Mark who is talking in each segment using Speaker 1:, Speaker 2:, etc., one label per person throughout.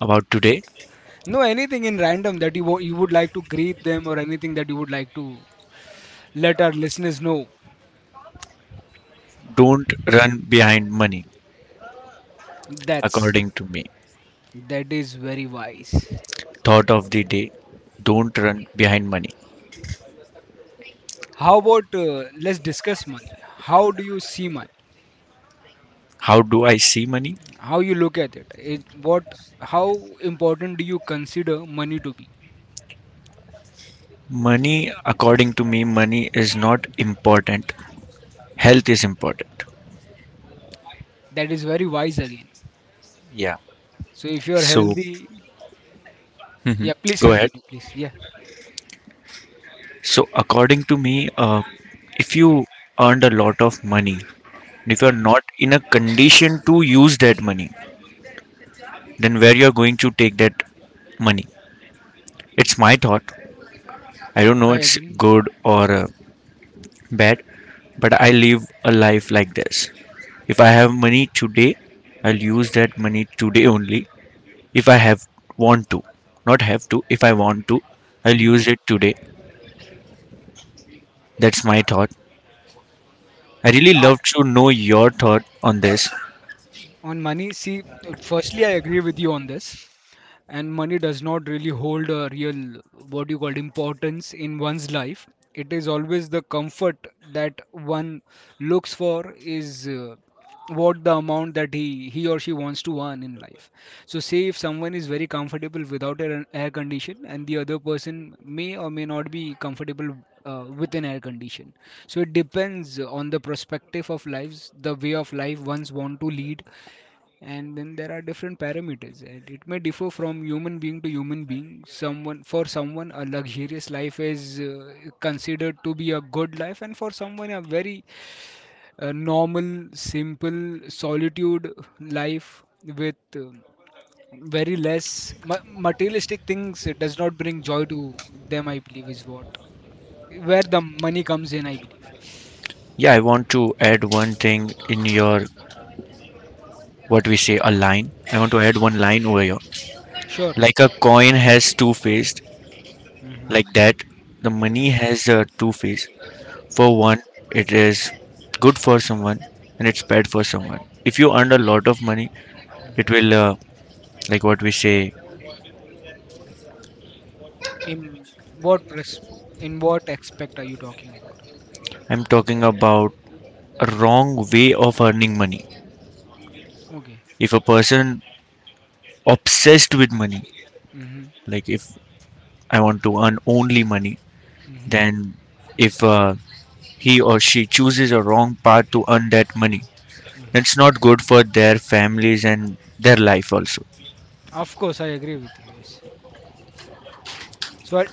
Speaker 1: about today?
Speaker 2: No, anything in random that you would like to greet them or anything that you would like to let our listeners know.
Speaker 1: Don't run behind money,
Speaker 2: That's
Speaker 1: according to me.
Speaker 2: that is very wise.
Speaker 1: Thought of the day. Don't run behind money.
Speaker 2: How about let's discuss money. How do you see money?
Speaker 1: How do I see money?
Speaker 2: How you look at it? What? How important do you consider money to be?
Speaker 1: Money, according to me, money is not important. Health is important.
Speaker 2: That is very wise again.
Speaker 1: Yeah.
Speaker 2: So if you are
Speaker 1: So,
Speaker 2: healthy,
Speaker 1: Mhm.
Speaker 2: yeah, please
Speaker 1: Go ahead.
Speaker 2: continue, please. Yeah,
Speaker 1: So, according to me, if you earned a lot of money, and if you're
Speaker 2: hmm
Speaker 1: not in a condition to use that money, then where you're going to take that money? It's my thought. I don't know
Speaker 2: I
Speaker 1: it's
Speaker 2: agree.
Speaker 1: good or bad, but I live a life like this. If I have money today, I'll use that money today only. If I have want to not have to if I want to, I'll
Speaker 2: hmm
Speaker 1: use it today. That's my thought. I really
Speaker 2: I,
Speaker 1: love to know your thought on this.
Speaker 2: on money, see, firstly, I agree with you on this. And money does not really hold a real, what you call, importance in one's life. It is always the comfort that one looks for, is what the amount that he or she wants to earn in life. So say if someone is very comfortable without an air condition and the other person may or may not be comfortable with an air condition. So it depends on the perspective of lives, the way of life ones want to lead. And then there are different parameters, and it may differ from human being to human being. Someone, for someone a luxurious life is, considered to be a good life, and for someone a very normal simple solitude life with very less materialistic things, it does not bring joy to them, I believe, is what, where the money comes in, I believe.
Speaker 1: Yeah, I want to add one thing in your, what we say, a line. I want to add one line over here.
Speaker 2: Sure.
Speaker 1: Like a coin has two faces,
Speaker 2: Hmm.
Speaker 1: like that the money has a two face. For one, it is good for someone, and it's bad for someone. If you earn a lot of money, it will like what we say
Speaker 2: In what in what aspect are you talking about?
Speaker 1: I'm talking about a wrong way of earning money.
Speaker 2: Okay.
Speaker 1: If a person obsessed with money,
Speaker 2: Hmm.
Speaker 1: like if I want to earn only money,
Speaker 2: Hmm.
Speaker 1: then if he or she chooses a wrong path to earn that money,
Speaker 2: Hmm.
Speaker 1: that's not good for their families and their life also.
Speaker 2: Of course, I agree with you. Yes. So,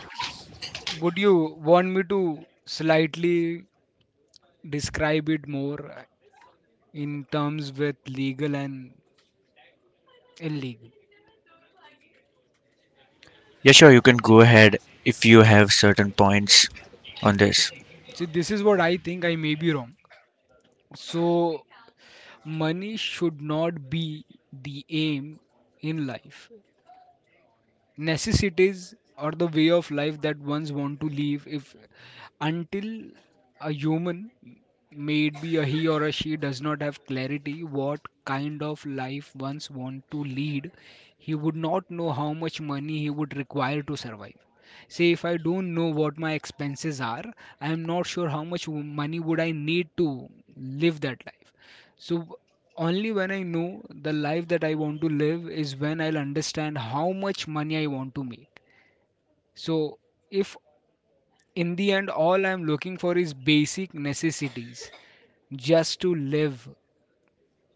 Speaker 2: would you want me to slightly describe it more, in terms with legal and illegal?
Speaker 1: Yeah, sure, you can go ahead if you have certain points on
Speaker 2: So,
Speaker 1: this.
Speaker 2: so this is what I think. I may be wrong. So, money should not be the aim in life. Necessities, or the way of life that ones want to live, if, until a human, may it be a he or a she, does not have clarity what kind of life ones want to lead, he would not know how much money he would require to survive. Say if I don't know what my expenses are, I am not sure how much money would I need to live that life. So only when I know the life that I want to live is when I'll understand how much money I want to make. So if in the end all I'm looking for is basic necessities just to live,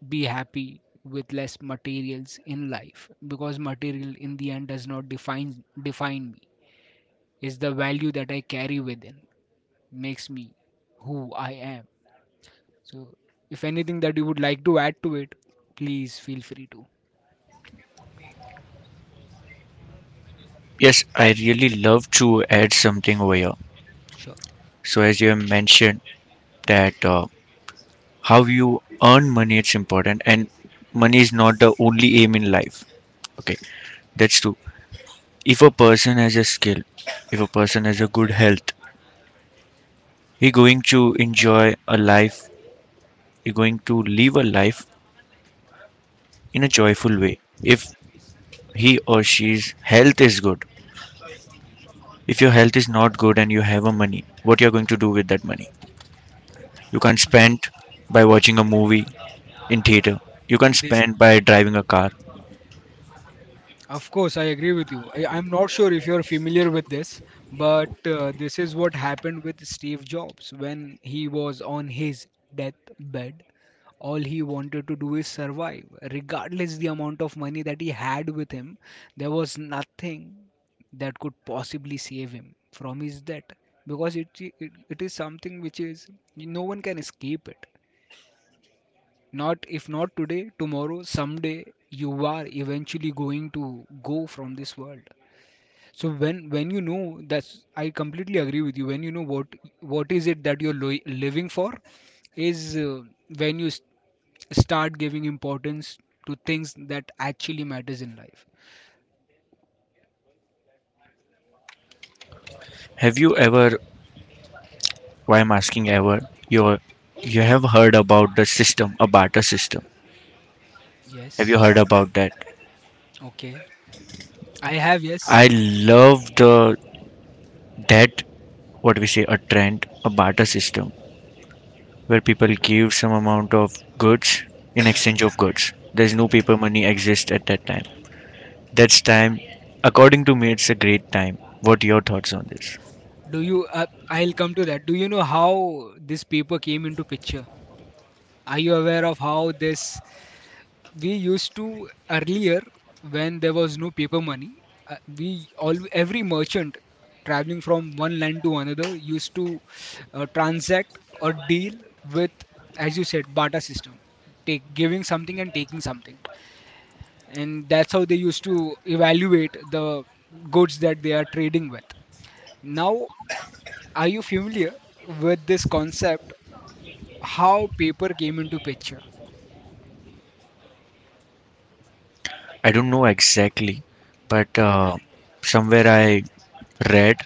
Speaker 2: be happy with less materials in life, because material in the end does not define me. It's the value that I carry within makes me who I am. So if anything that you would like to add to it, please feel free to.
Speaker 1: Yes, I really love to add something over here.
Speaker 2: Sure.
Speaker 1: So, as you have mentioned, that how you earn money it's important, and money is not the only aim in life. Okay, that's true. If a person has a skill, if a person has a good health, he going to enjoy a life. He going to live a life in a joyful way. If he or she's health is good, if your health is not good and you have a money, what you're going to do with that money? You can't spend by watching a movie in theater. You can
Speaker 2: This,
Speaker 1: spend by driving a car.
Speaker 2: of course, I agree with you. I'm not sure if you're familiar with this, but this is what happened with Steve Jobs when he was on his deathbed. All he wanted to do is survive, regardless the amount of money that he had with him. There was nothing that could possibly save him from his death, because it is something which is, no one can escape it. Not if not today, tomorrow, someday you are eventually going to go from this world. So when you know that's, I completely agree with you. When you know what is it that you're living for, is when you start giving importance to things that actually matters in life.
Speaker 1: Have you ever, why I'm asking ever, you you have heard about the system, a barter system? Have
Speaker 2: Yes.
Speaker 1: you heard about that?
Speaker 2: Okay. I have, yes.
Speaker 1: I love the, that, what we say, a trend, a barter system, where people give some amount of goods in exchange of goods. There's no
Speaker 2: Mhm.
Speaker 1: paper money exists at that time. That's time. According to me, it's a great time. What your thoughts on this?
Speaker 2: Do you? I'll come to that. Do you know how this paper came into picture? Are you aware of how this, we used to earlier, when there was no paper money, we all, every merchant traveling from one land to another used to transact or deal with, as you said, barter system, take, giving something and taking something, and that's how they used to evaluate the goods that they are trading with. Now, are you familiar with this concept, how paper came into picture?
Speaker 1: I don't know exactly, but somewhere I read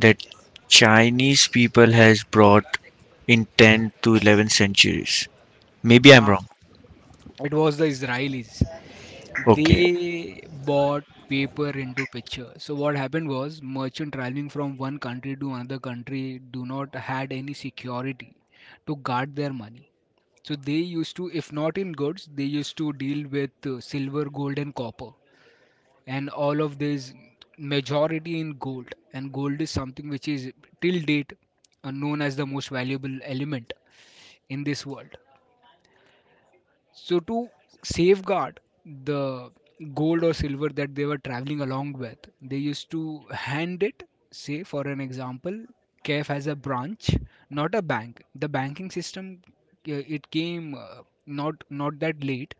Speaker 1: that Chinese people has brought in 10 to 11 centuries. Maybe I'm
Speaker 2: Now,
Speaker 1: wrong.
Speaker 2: it was the israelis,
Speaker 1: Okay.
Speaker 2: they bought paper into picture. So what happened was, merchant traveling from one country to another country do not had any security to guard their money. So they used to, if not in goods, they used to deal with, silver, gold and copper, and all of this, majority in gold. And gold is something which is, till date, known as the most valuable element in this world. So to safeguard the gold or silver that they were traveling along with, they used to hand it, say for an example, KF has a branch, not a bank. The banking system, it came, not that late,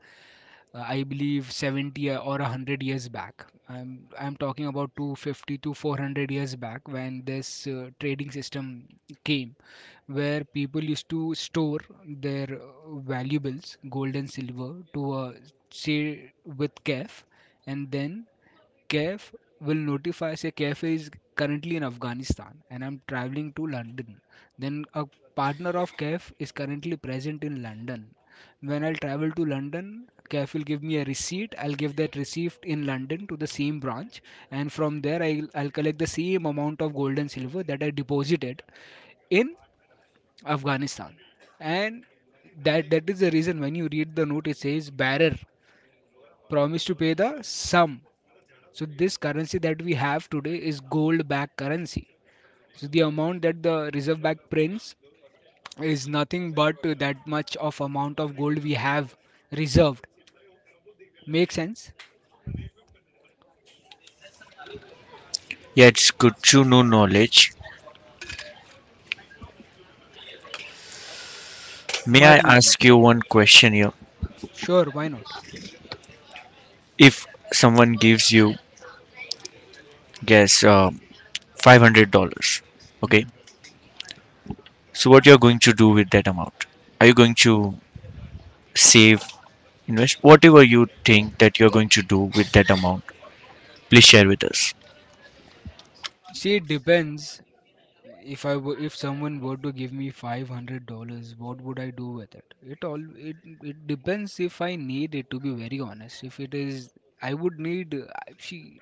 Speaker 2: I believe 70 or 100 years back. I'm talking about 250 to 400 years back, when this trading system came, where people used to store their valuables, gold and silver, to, say, with CAF, and then CAF will notify, say CAF is currently in Afghanistan and I'm traveling to London. Then a partner of CAF is currently present in London. When I'll travel to London, CAF will give me a receipt. I'll give that receipt in London to the same branch, and from there I'll collect the same amount of gold and silver that I deposited in Afghanistan. And that is the reason when you read the note, it says bearer promise to pay the sum. So this currency that we have today is gold-backed currency. So the amount that the Reserve Bank prints is nothing but that much of amount of gold we have reserved. Make sense?
Speaker 1: Yeah, it's good to know knowledge. May I
Speaker 2: Money.
Speaker 1: ask you one question here?
Speaker 2: Sure, why not?
Speaker 1: If someone gives you, guess, $500, okay? So what you're going to do with that amount? Are you going to save, invest, whatever you think that you're going to do with that amount, please share with us.
Speaker 2: See, it depends. If I were, if someone were to give me $500, what would I do with it? It all it it depends if I need it. To be very honest, if it is, I would need. She,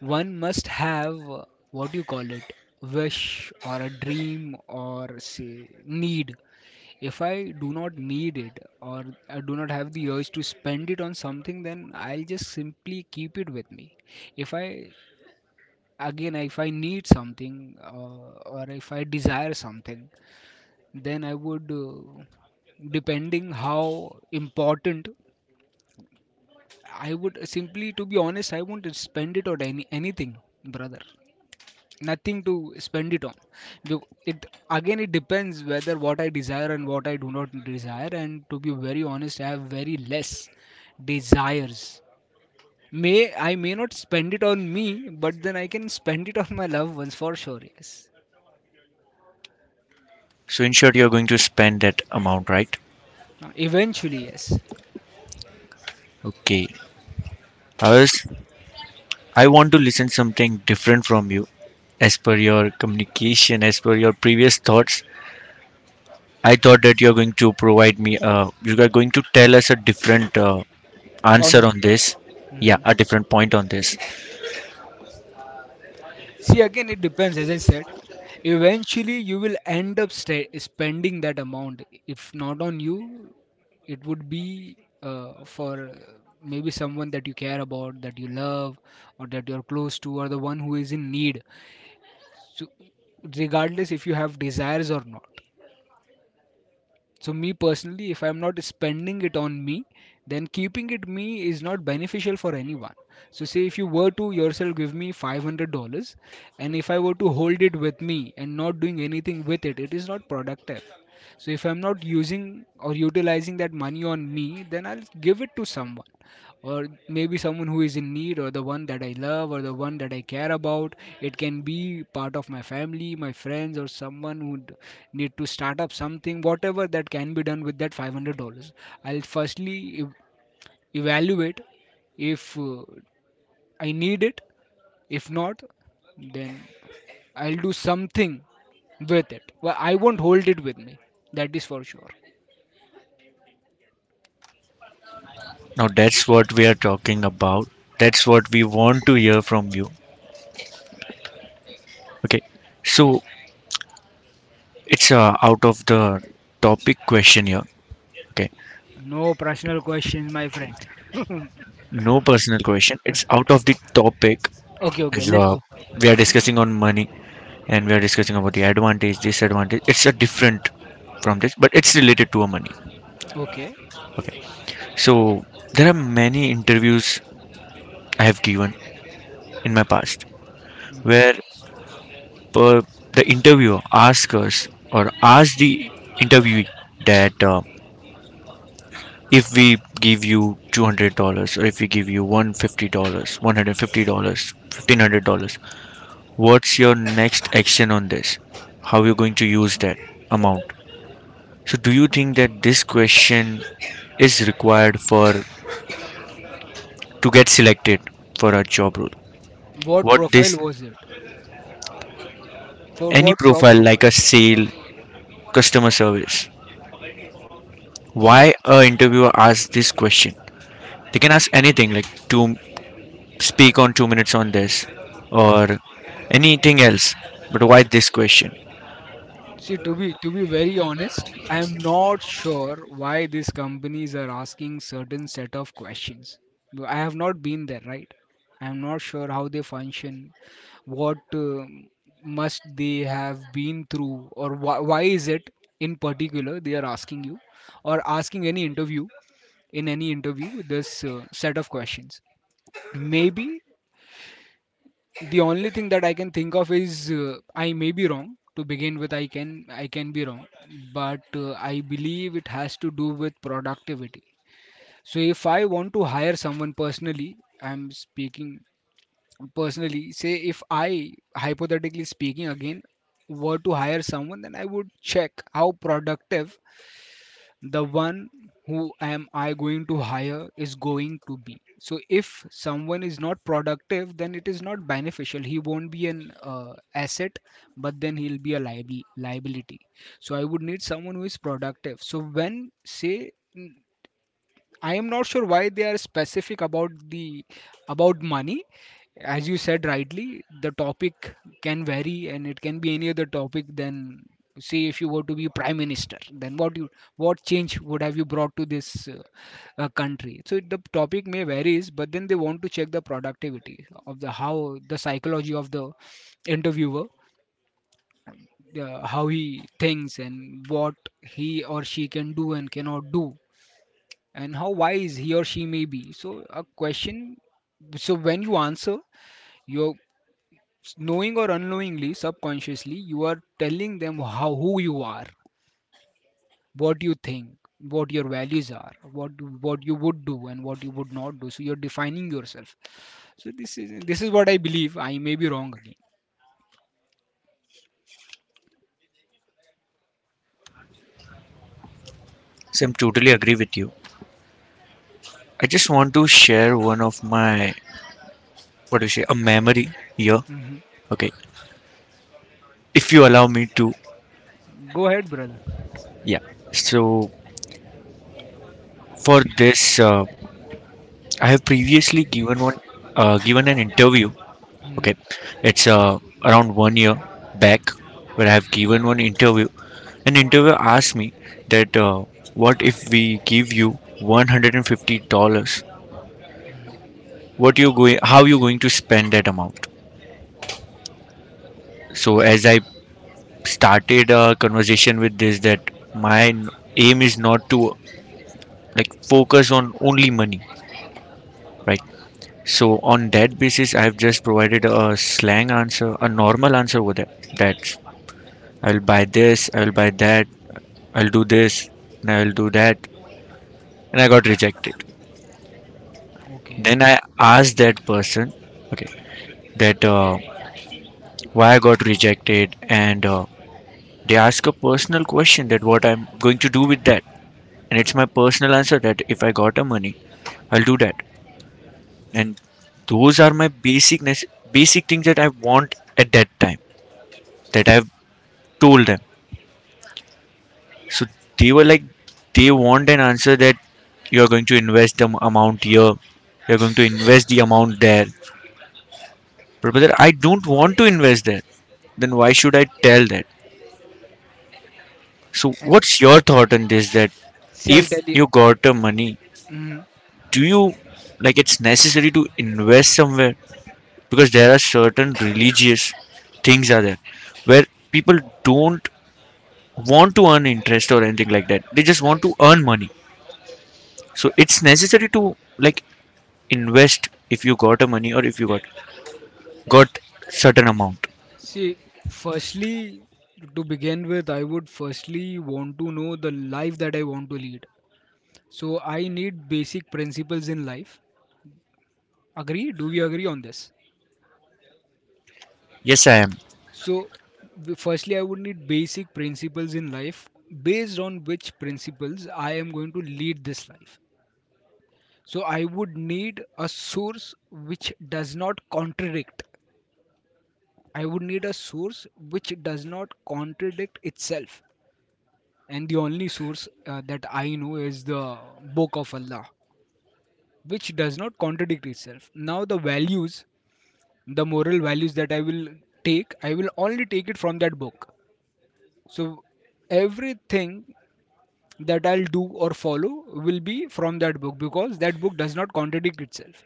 Speaker 2: one must have, what do you call it? Wish, or a dream, or say need. If I do not need it, or I do not have the urge to spend it on something, then I'll just simply keep it with me. If I, again, if I need something, or if I desire something, then I would, depending how important, I would simply, to be honest, I won't spend it on any anything, brother, nothing to spend it on. Be- it again, it depends whether what I desire and what I do not desire, and to be very honest, I have very less desires. May I, may not spend it on me, but then I can spend it on my loved ones for sure, yes.
Speaker 1: So in short, you're going to spend that amount, right?
Speaker 2: Eventually, yes.
Speaker 1: Okay, i I want to listen something different from you. As per your communication, as per your previous thoughts, I thought that you're going to provide me you are going to tell us a different answer
Speaker 2: Point.
Speaker 1: on this. Yeah,
Speaker 2: Mhm.
Speaker 1: a different point on this.
Speaker 2: See, again, it depends, as I said. Eventually, you will end up spending that amount. If not on you, it would be, for, maybe someone that you care about, that you love, or that you're close to, or the one who is in need. So, regardless if you have desires or not. So me personally, if I'm not spending it on me, then keeping it me is not beneficial for anyone. So say if you were to yourself give me $500, and if I were to hold it with me and not doing anything with it, it is not productive. So if I'm not using or utilizing that money on me, then I'll give it to someone, or maybe someone who is in need, or the one that I love, or the one that I care about. It can be part of my family, my friends, or someone who need to start up something, whatever that can be done with that $500. I'll firstly evaluate if, I need it. If not, then I'll do something with it. Well, I won't hold it with me. That is for sure.
Speaker 1: Now that's what we are talking about. That's what we want to hear from you. Okay, so it's out of the topic question here. Okay.
Speaker 2: No personal questions, my friend.
Speaker 1: No personal question. It's out of the topic
Speaker 2: Okay, okay,
Speaker 1: as
Speaker 2: let's go.
Speaker 1: well. We are discussing on money, and we are discussing about the advantage, disadvantage. It's a different from this, but it's related to a money.
Speaker 2: Okay.
Speaker 1: So there are many interviews I have given in my past,
Speaker 2: Mhm.
Speaker 1: where per, the interviewer asks us or asks the interviewee that if we give you $200, or if we give you $150 $150 $1500, what's your next action on this? How you're going to use that amount? So do you think that this question is required for to get selected for a job role?
Speaker 2: What
Speaker 1: What this,
Speaker 2: profile was it? For
Speaker 1: any
Speaker 2: what job
Speaker 1: profile like
Speaker 2: profile?
Speaker 1: a sale, customer service,
Speaker 2: See,
Speaker 1: why a interviewer asks this question? They can ask anything like to speak on 2 minutes on this or anything else, but why this question?
Speaker 2: to be very honest, I am not sure why these companies are asking certain set of questions. Though I have not been there, right? I am not sure how they function, what must they have been through, or why is it in particular they are asking you, or asking any interview, in any interview this set of questions. Maybe the only thing that I can think of is, I may be wrong to begin with, I can be wrong, but I believe it has to do with productivity. So if I want to hire someone personally, I'm speaking personally, say if I hypothetically speaking again were to hire someone, then I would check how productive the one who am I going to hire is going to be. So if someone is not productive, then it is not beneficial, he won't be an asset, but then he'll be a liability. So I would need someone who is productive. So when, say, I am not sure why they are specific about the about money. As you said rightly, the topic can vary and it can be any other topic than, say, if you were to be prime minister, then what you what change would have you brought to this country. So the topic may varies, but then they want to check the productivity of the how the psychology of the interviewer, how he thinks and what he or she can do and cannot do and how wise he or she may be. So a question, so when you answer, you're knowing or unknowingly, subconsciously, you are telling them how who you are, what you think, what your values are, what you would do and what you would not do. So you're defining yourself. So this is what I believe. I may be wrong again.
Speaker 1: So I'm totally agree with you. I just want to share one of my, what do you say, a memory here.
Speaker 2: Hmm.
Speaker 1: Okay, if you allow me to,
Speaker 2: Go ahead, brother.
Speaker 1: yeah. So for this, I have previously given one, given an interview.
Speaker 2: Hmm.
Speaker 1: Okay, it's around 1 year back where I have given one interview. An interviewer asked me that what if we give you $150? What you going? How you going to spend that amount? So as I started a conversation with this, that my aim is not to like focus on only money, right? So on that basis, I have just provided a slang answer, a normal answer over there. That I'll buy this, I'll buy that, I'll do this and I'll do that, and I got rejected.
Speaker 2: Okay,
Speaker 1: Then I asked that person, okay, that why I got rejected, and they ask a personal question that what I'm going to do with that, and it's my personal answer that if I got a money, I'll do that, and those are my basic basic things that I want at that time that I've told them. So they were like, they want an answer that you're going to invest the amount here, you're going to invest the amount there. But brother, I don't want to invest there. Then why should I tell that? So
Speaker 2: and
Speaker 1: what's your thought on this? That
Speaker 2: see, I'll
Speaker 1: if
Speaker 2: tell you.
Speaker 1: you got the money,
Speaker 2: Mhm.
Speaker 1: do you like it's necessary to invest somewhere? Because there are certain religious things are there where people don't want to earn interest or anything like that. They just want to earn money. So it's necessary to like invest if you got a money, or if you got certain amount?
Speaker 2: See, firstly, to begin with, I would firstly want to know the life that I want to lead. So I need basic principles in life. Agree? Do we agree on this?
Speaker 1: Yes, I am.
Speaker 2: So, firstly, I would need basic principles in life based on which principles I am going to lead this life. So I would need a source which does not contradict. I would need a source which does not contradict itself. And the only source that I know is the Book of Allah, which does not contradict itself. Now, the values, the moral values that I will take, I will only take it from that book. So everything that I'll do or follow will be from that book, because that book does not contradict itself.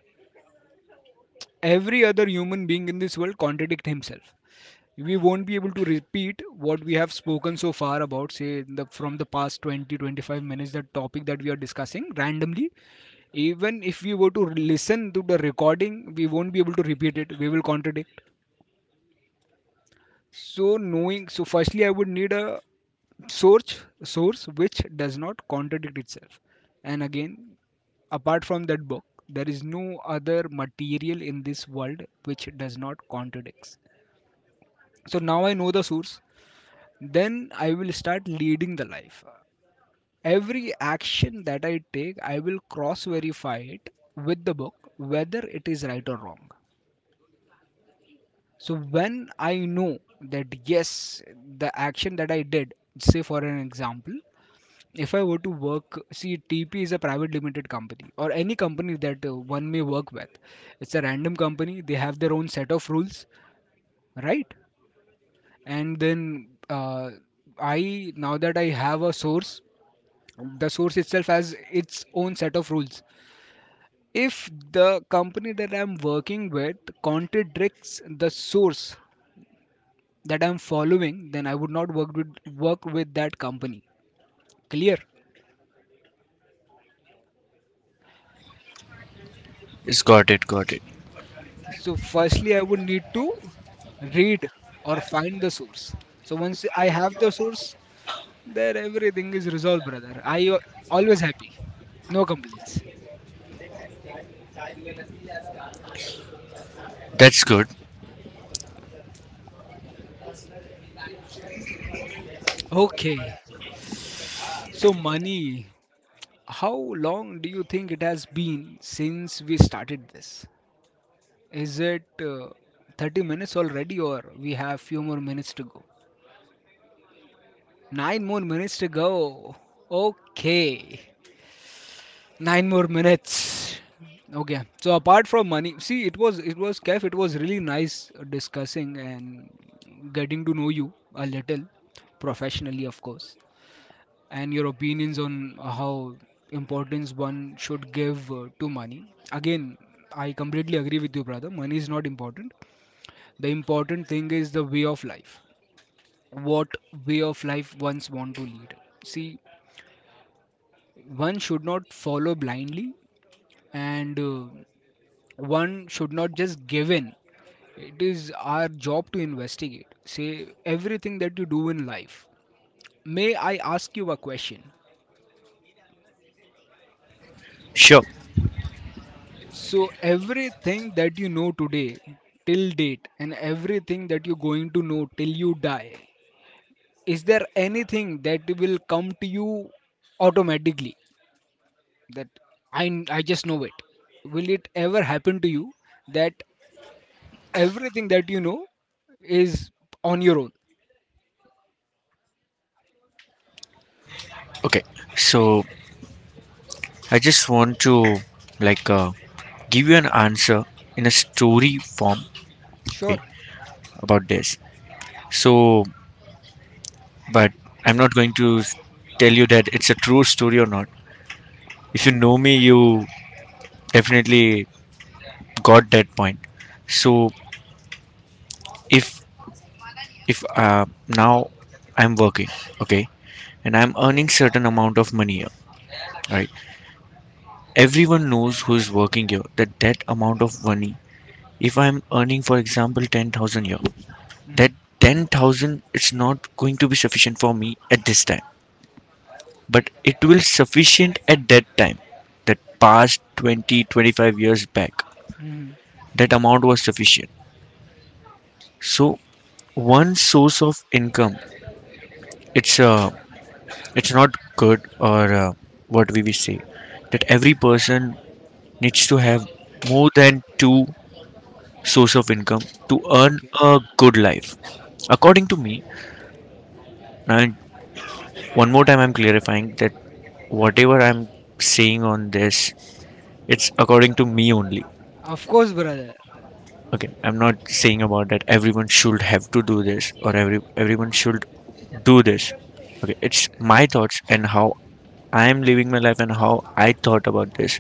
Speaker 2: Every other human being in this world contradict himself. We won't be able to repeat what we have spoken so far about, say, the from the past 20 to 25 minutes, the topic that we are discussing randomly. Even if we were to listen to the recording, we won't be able to repeat it, we will contradict. So knowing, so firstly I would need a source which does not contradict itself. And again, apart from that book, there is no other material in this world which does not contradict. So now I know the source, then I will start leading the life. Every action that I take, I will cross verify it with the book whether it is right or wrong. So when I know that yes, the action that I did, say for an example, if I were to work, see, TP is a private limited company or any company that one may work with. It's a random company. They have their own set of rules, right? And then I now that I have a source, the source itself has its own set of rules. If the company that I'm working with contradicts the source that I'm following, then I would not work with that company. Clear?
Speaker 1: It's got, it got it.
Speaker 2: So firstly I would need to read or find the source. So once I have the source, then everything is resolved, brother. I always happy, no complaints.
Speaker 1: That's good.
Speaker 2: Okay, so money. How long do you think it has been since we started this? Is it 30 minutes already, or we have few more minutes to go? 9 more minutes to go. Okay. 9 more minutes. Okay. So apart from money, see, it was Kef, it was really nice discussing and getting to know you a little, professionally of course, and your opinions on how importance one should give to money. Again, I completely agree with you, brother. Money is not important. The important thing is the way of life. What way of life one's want to lead. See, one should not follow blindly, and one should not just give in. It is our job to investigate. Say everything that you do in life. May I ask you a question?
Speaker 1: Sure.
Speaker 2: So everything that you know today till date and everything that you're going to know till you die, is there anything that will come to you automatically that I just know it? Will it ever happen to you that everything that you know is on your own?
Speaker 1: Okay, so I just want to like give you an answer in a story form. Okay,
Speaker 2: Sure.
Speaker 1: about this. So, but I'm not going to tell you that it's a true story or not. If you know me, you definitely got that point. So if if now I'm working, okay, and I'm earning certain amount of money here, right? Everyone knows who is working here that that amount of money. If I'm earning for example 10,000 here, that
Speaker 2: Hmm.
Speaker 1: 10,000 it's not going to be sufficient for me at this time, but it will sufficient at that time. That past 20 to 25 years back,
Speaker 2: Hmm.
Speaker 1: that amount was sufficient. So one source of income, it's a, it's not good or what we will say, that every person needs to have more than two source of income to earn
Speaker 2: Okay.
Speaker 1: a good life, according to me. And one more time I'm clarifying that whatever I'm saying on this, it's according to me only.
Speaker 2: Of course, brother.
Speaker 1: Okay, I'm not saying about that everyone should have to do this, or every, everyone should do this. Okay, it's my thoughts and how I am living my life and how I thought about this.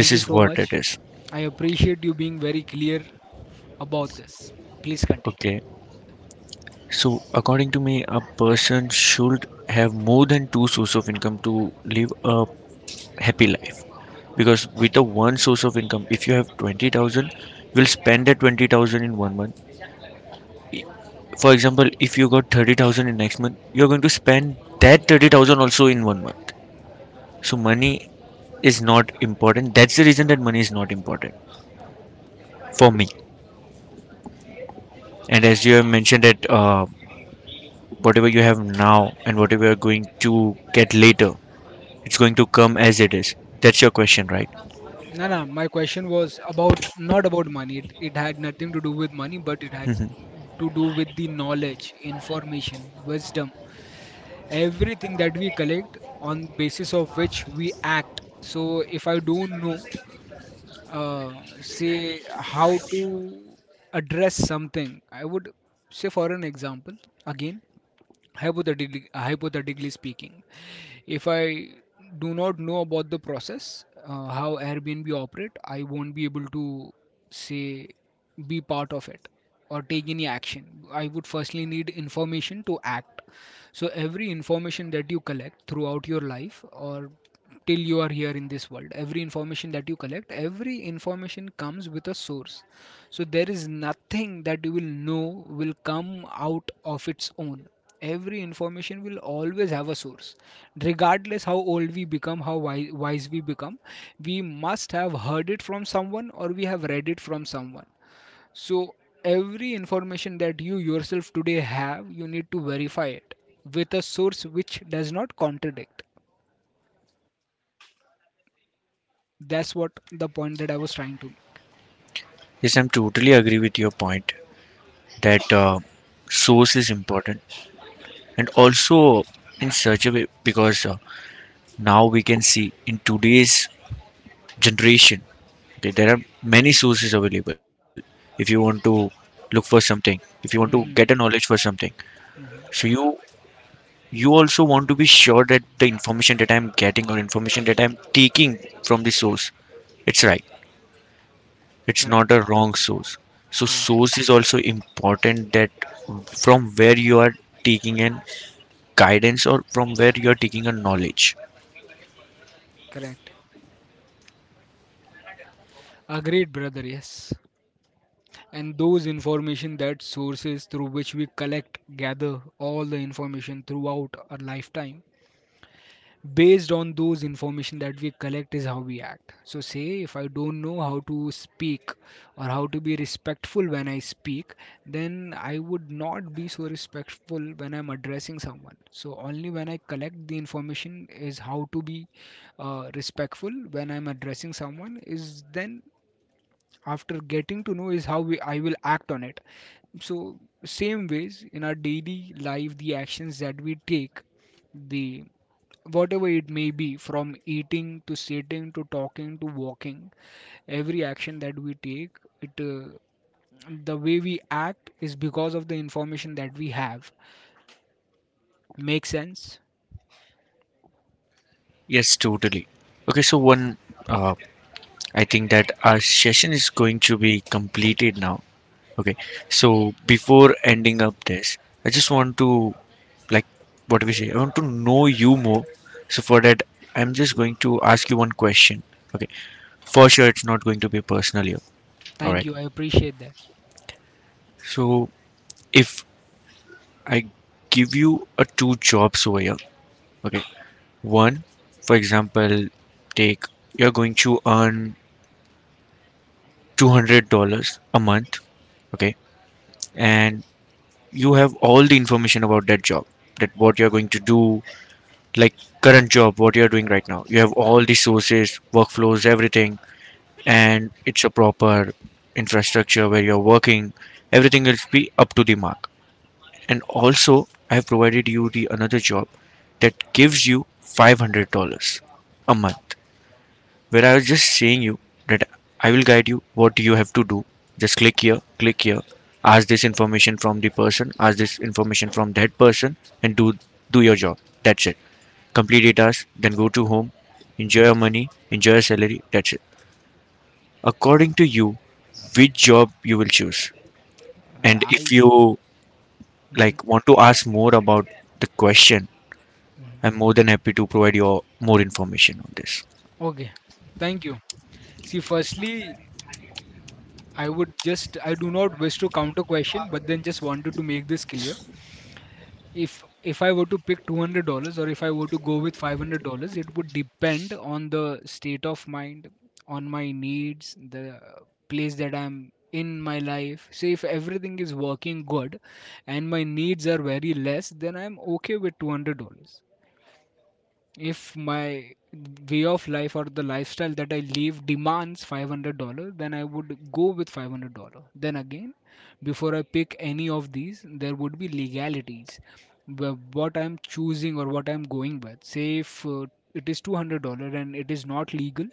Speaker 1: This
Speaker 2: you
Speaker 1: is
Speaker 2: so
Speaker 1: what it
Speaker 2: much.
Speaker 1: is.
Speaker 2: I appreciate you being very clear about this. Please continue.
Speaker 1: Okay, so according to me, a person should have more than two source of income to live a happy life. Because with a one source of income, if you have 20,000, you will spend that 20,000 in 1 month. For example, if you got 30,000 in next month, you're going to spend that 30,000 also in 1 month. So money is not important. That's the reason that money is not important for me. And as you have mentioned that whatever you have now and whatever you're going to get later, it's going to come as it is. That's your question, right?
Speaker 2: No, no, my question was about not about money. It had nothing to do with money, but it had
Speaker 1: Mhm.
Speaker 2: to do with the knowledge, information, wisdom, everything that we collect on basis of which we act. So if I don't know, uh, say how to address something, I would say for an example again, hypothetically speaking, if I do not know about the process, how Airbnb operate, I won't be able to say be part of it or take any action. I would firstly need information to act. So every information that you collect throughout your life or till you are here in this world, every information that you collect, every information comes with a source. So there is nothing that you will know will come out of its own. Every information will always have a source, regardless how old we become, how wise we become, we must have heard it from someone or we have read it from someone. So every information that you yourself today have, you need to verify it with a source which does not contradict. That's what the point that I was trying to make.
Speaker 1: Yes, I'm totally agree with your point that source is important, and also in such a way because now we can see in today's generation, okay, there are many sources available. If you want to look for something, if you want to get a
Speaker 2: Hmm.
Speaker 1: knowledge for something, so
Speaker 2: Hmm.
Speaker 1: you also want to be sure that the information that I'm getting, or information that I'm taking from the source, it's right. It's not
Speaker 2: Correct,
Speaker 1: a wrong source. So
Speaker 2: correct,
Speaker 1: source is also important that from where you are taking an guidance, or from where you are taking a knowledge.
Speaker 2: correct. Agreed, brother, yes. And those information that sources through which we collect, gather all the information throughout our lifetime, based on those information that we collect is how we act. So say if I don't know how to speak or how to be respectful when I speak, then I would not be so respectful when I'm addressing someone. So only when I collect the information is how to be respectful when I'm addressing someone is then, after getting to know, is how I will act on it. So same ways in our daily life, the actions that we take, the whatever it may be, from eating to sitting to talking to walking, every action that we take, it the way we act is because of the information that we have. Makes sense?
Speaker 1: Yes, totally. Okay, so one uh, I think that our session is going to be completed now. Okay, so before ending up this, I just want to, like, what do we say? I want to know you more. So for that, I'm just going to ask you one question. Okay, for sure, it's not going to be personal here. All
Speaker 2: Thank
Speaker 1: right.
Speaker 2: you. I appreciate that.
Speaker 1: So if I give you a two jobs over here, okay, one, for example, take you're going to earn $200 a month, okay, and you have all the information about that job, that what you're going to do, like current job what you're doing right now. You have all the sources, workflows, everything, and it's a proper infrastructure where you're working. Everything will be up to the mark. And also I have provided you the another job that gives you $500 a month, where I was just saying you that I will guide you what you have to do. Just click here, ask this information from the person, ask this information from that person, and do your job. That's it. Complete your task, then go to home, enjoy your money, enjoy your salary. That's it. According to you, which job you will choose, and if
Speaker 2: I.
Speaker 1: you
Speaker 2: Mhm,
Speaker 1: like want to ask more about the question,
Speaker 2: mhm.
Speaker 1: I'm more than happy to provide you more information on this.
Speaker 2: Okay. Thank you. See, firstly, I would just, I do not wish to counter question, but then just wanted to make this clear. If I were to pick $200 or if I were to go with $500, it would depend on the state of mind, on my needs, the place that I'm in my life. Say if everything is working good and my needs are very less, then I'm okay with $200. If my way of life or the lifestyle that I live demands $500, then I would go with $500. Then again, before I pick any of these, there would be legalities. What I'm choosing or what I'm going with. Say if it is $200 and it is not legal,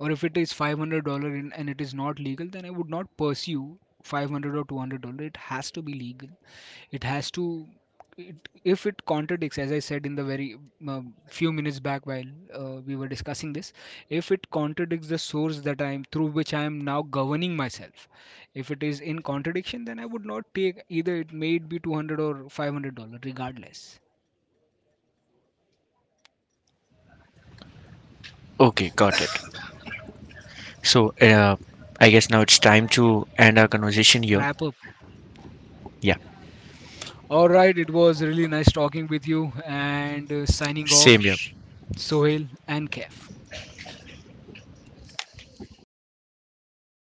Speaker 2: or if it is $500 and it is not legal, then I would not pursue $500 or $200. It has to be legal, it has to it, if it contradicts, as I said in the very few minutes back while we were discussing this, if it contradicts the source that I am through which I am now governing myself, if it is in contradiction, then I would not take, either it may it be 200 or $500, regardless.
Speaker 1: Okay, got it. So, I guess now it's time to end our conversation here.
Speaker 2: Wrap up.
Speaker 1: Yeah,
Speaker 2: All right, it was really nice talking with you, and signing off.
Speaker 1: same here.
Speaker 2: Sohail and Kef.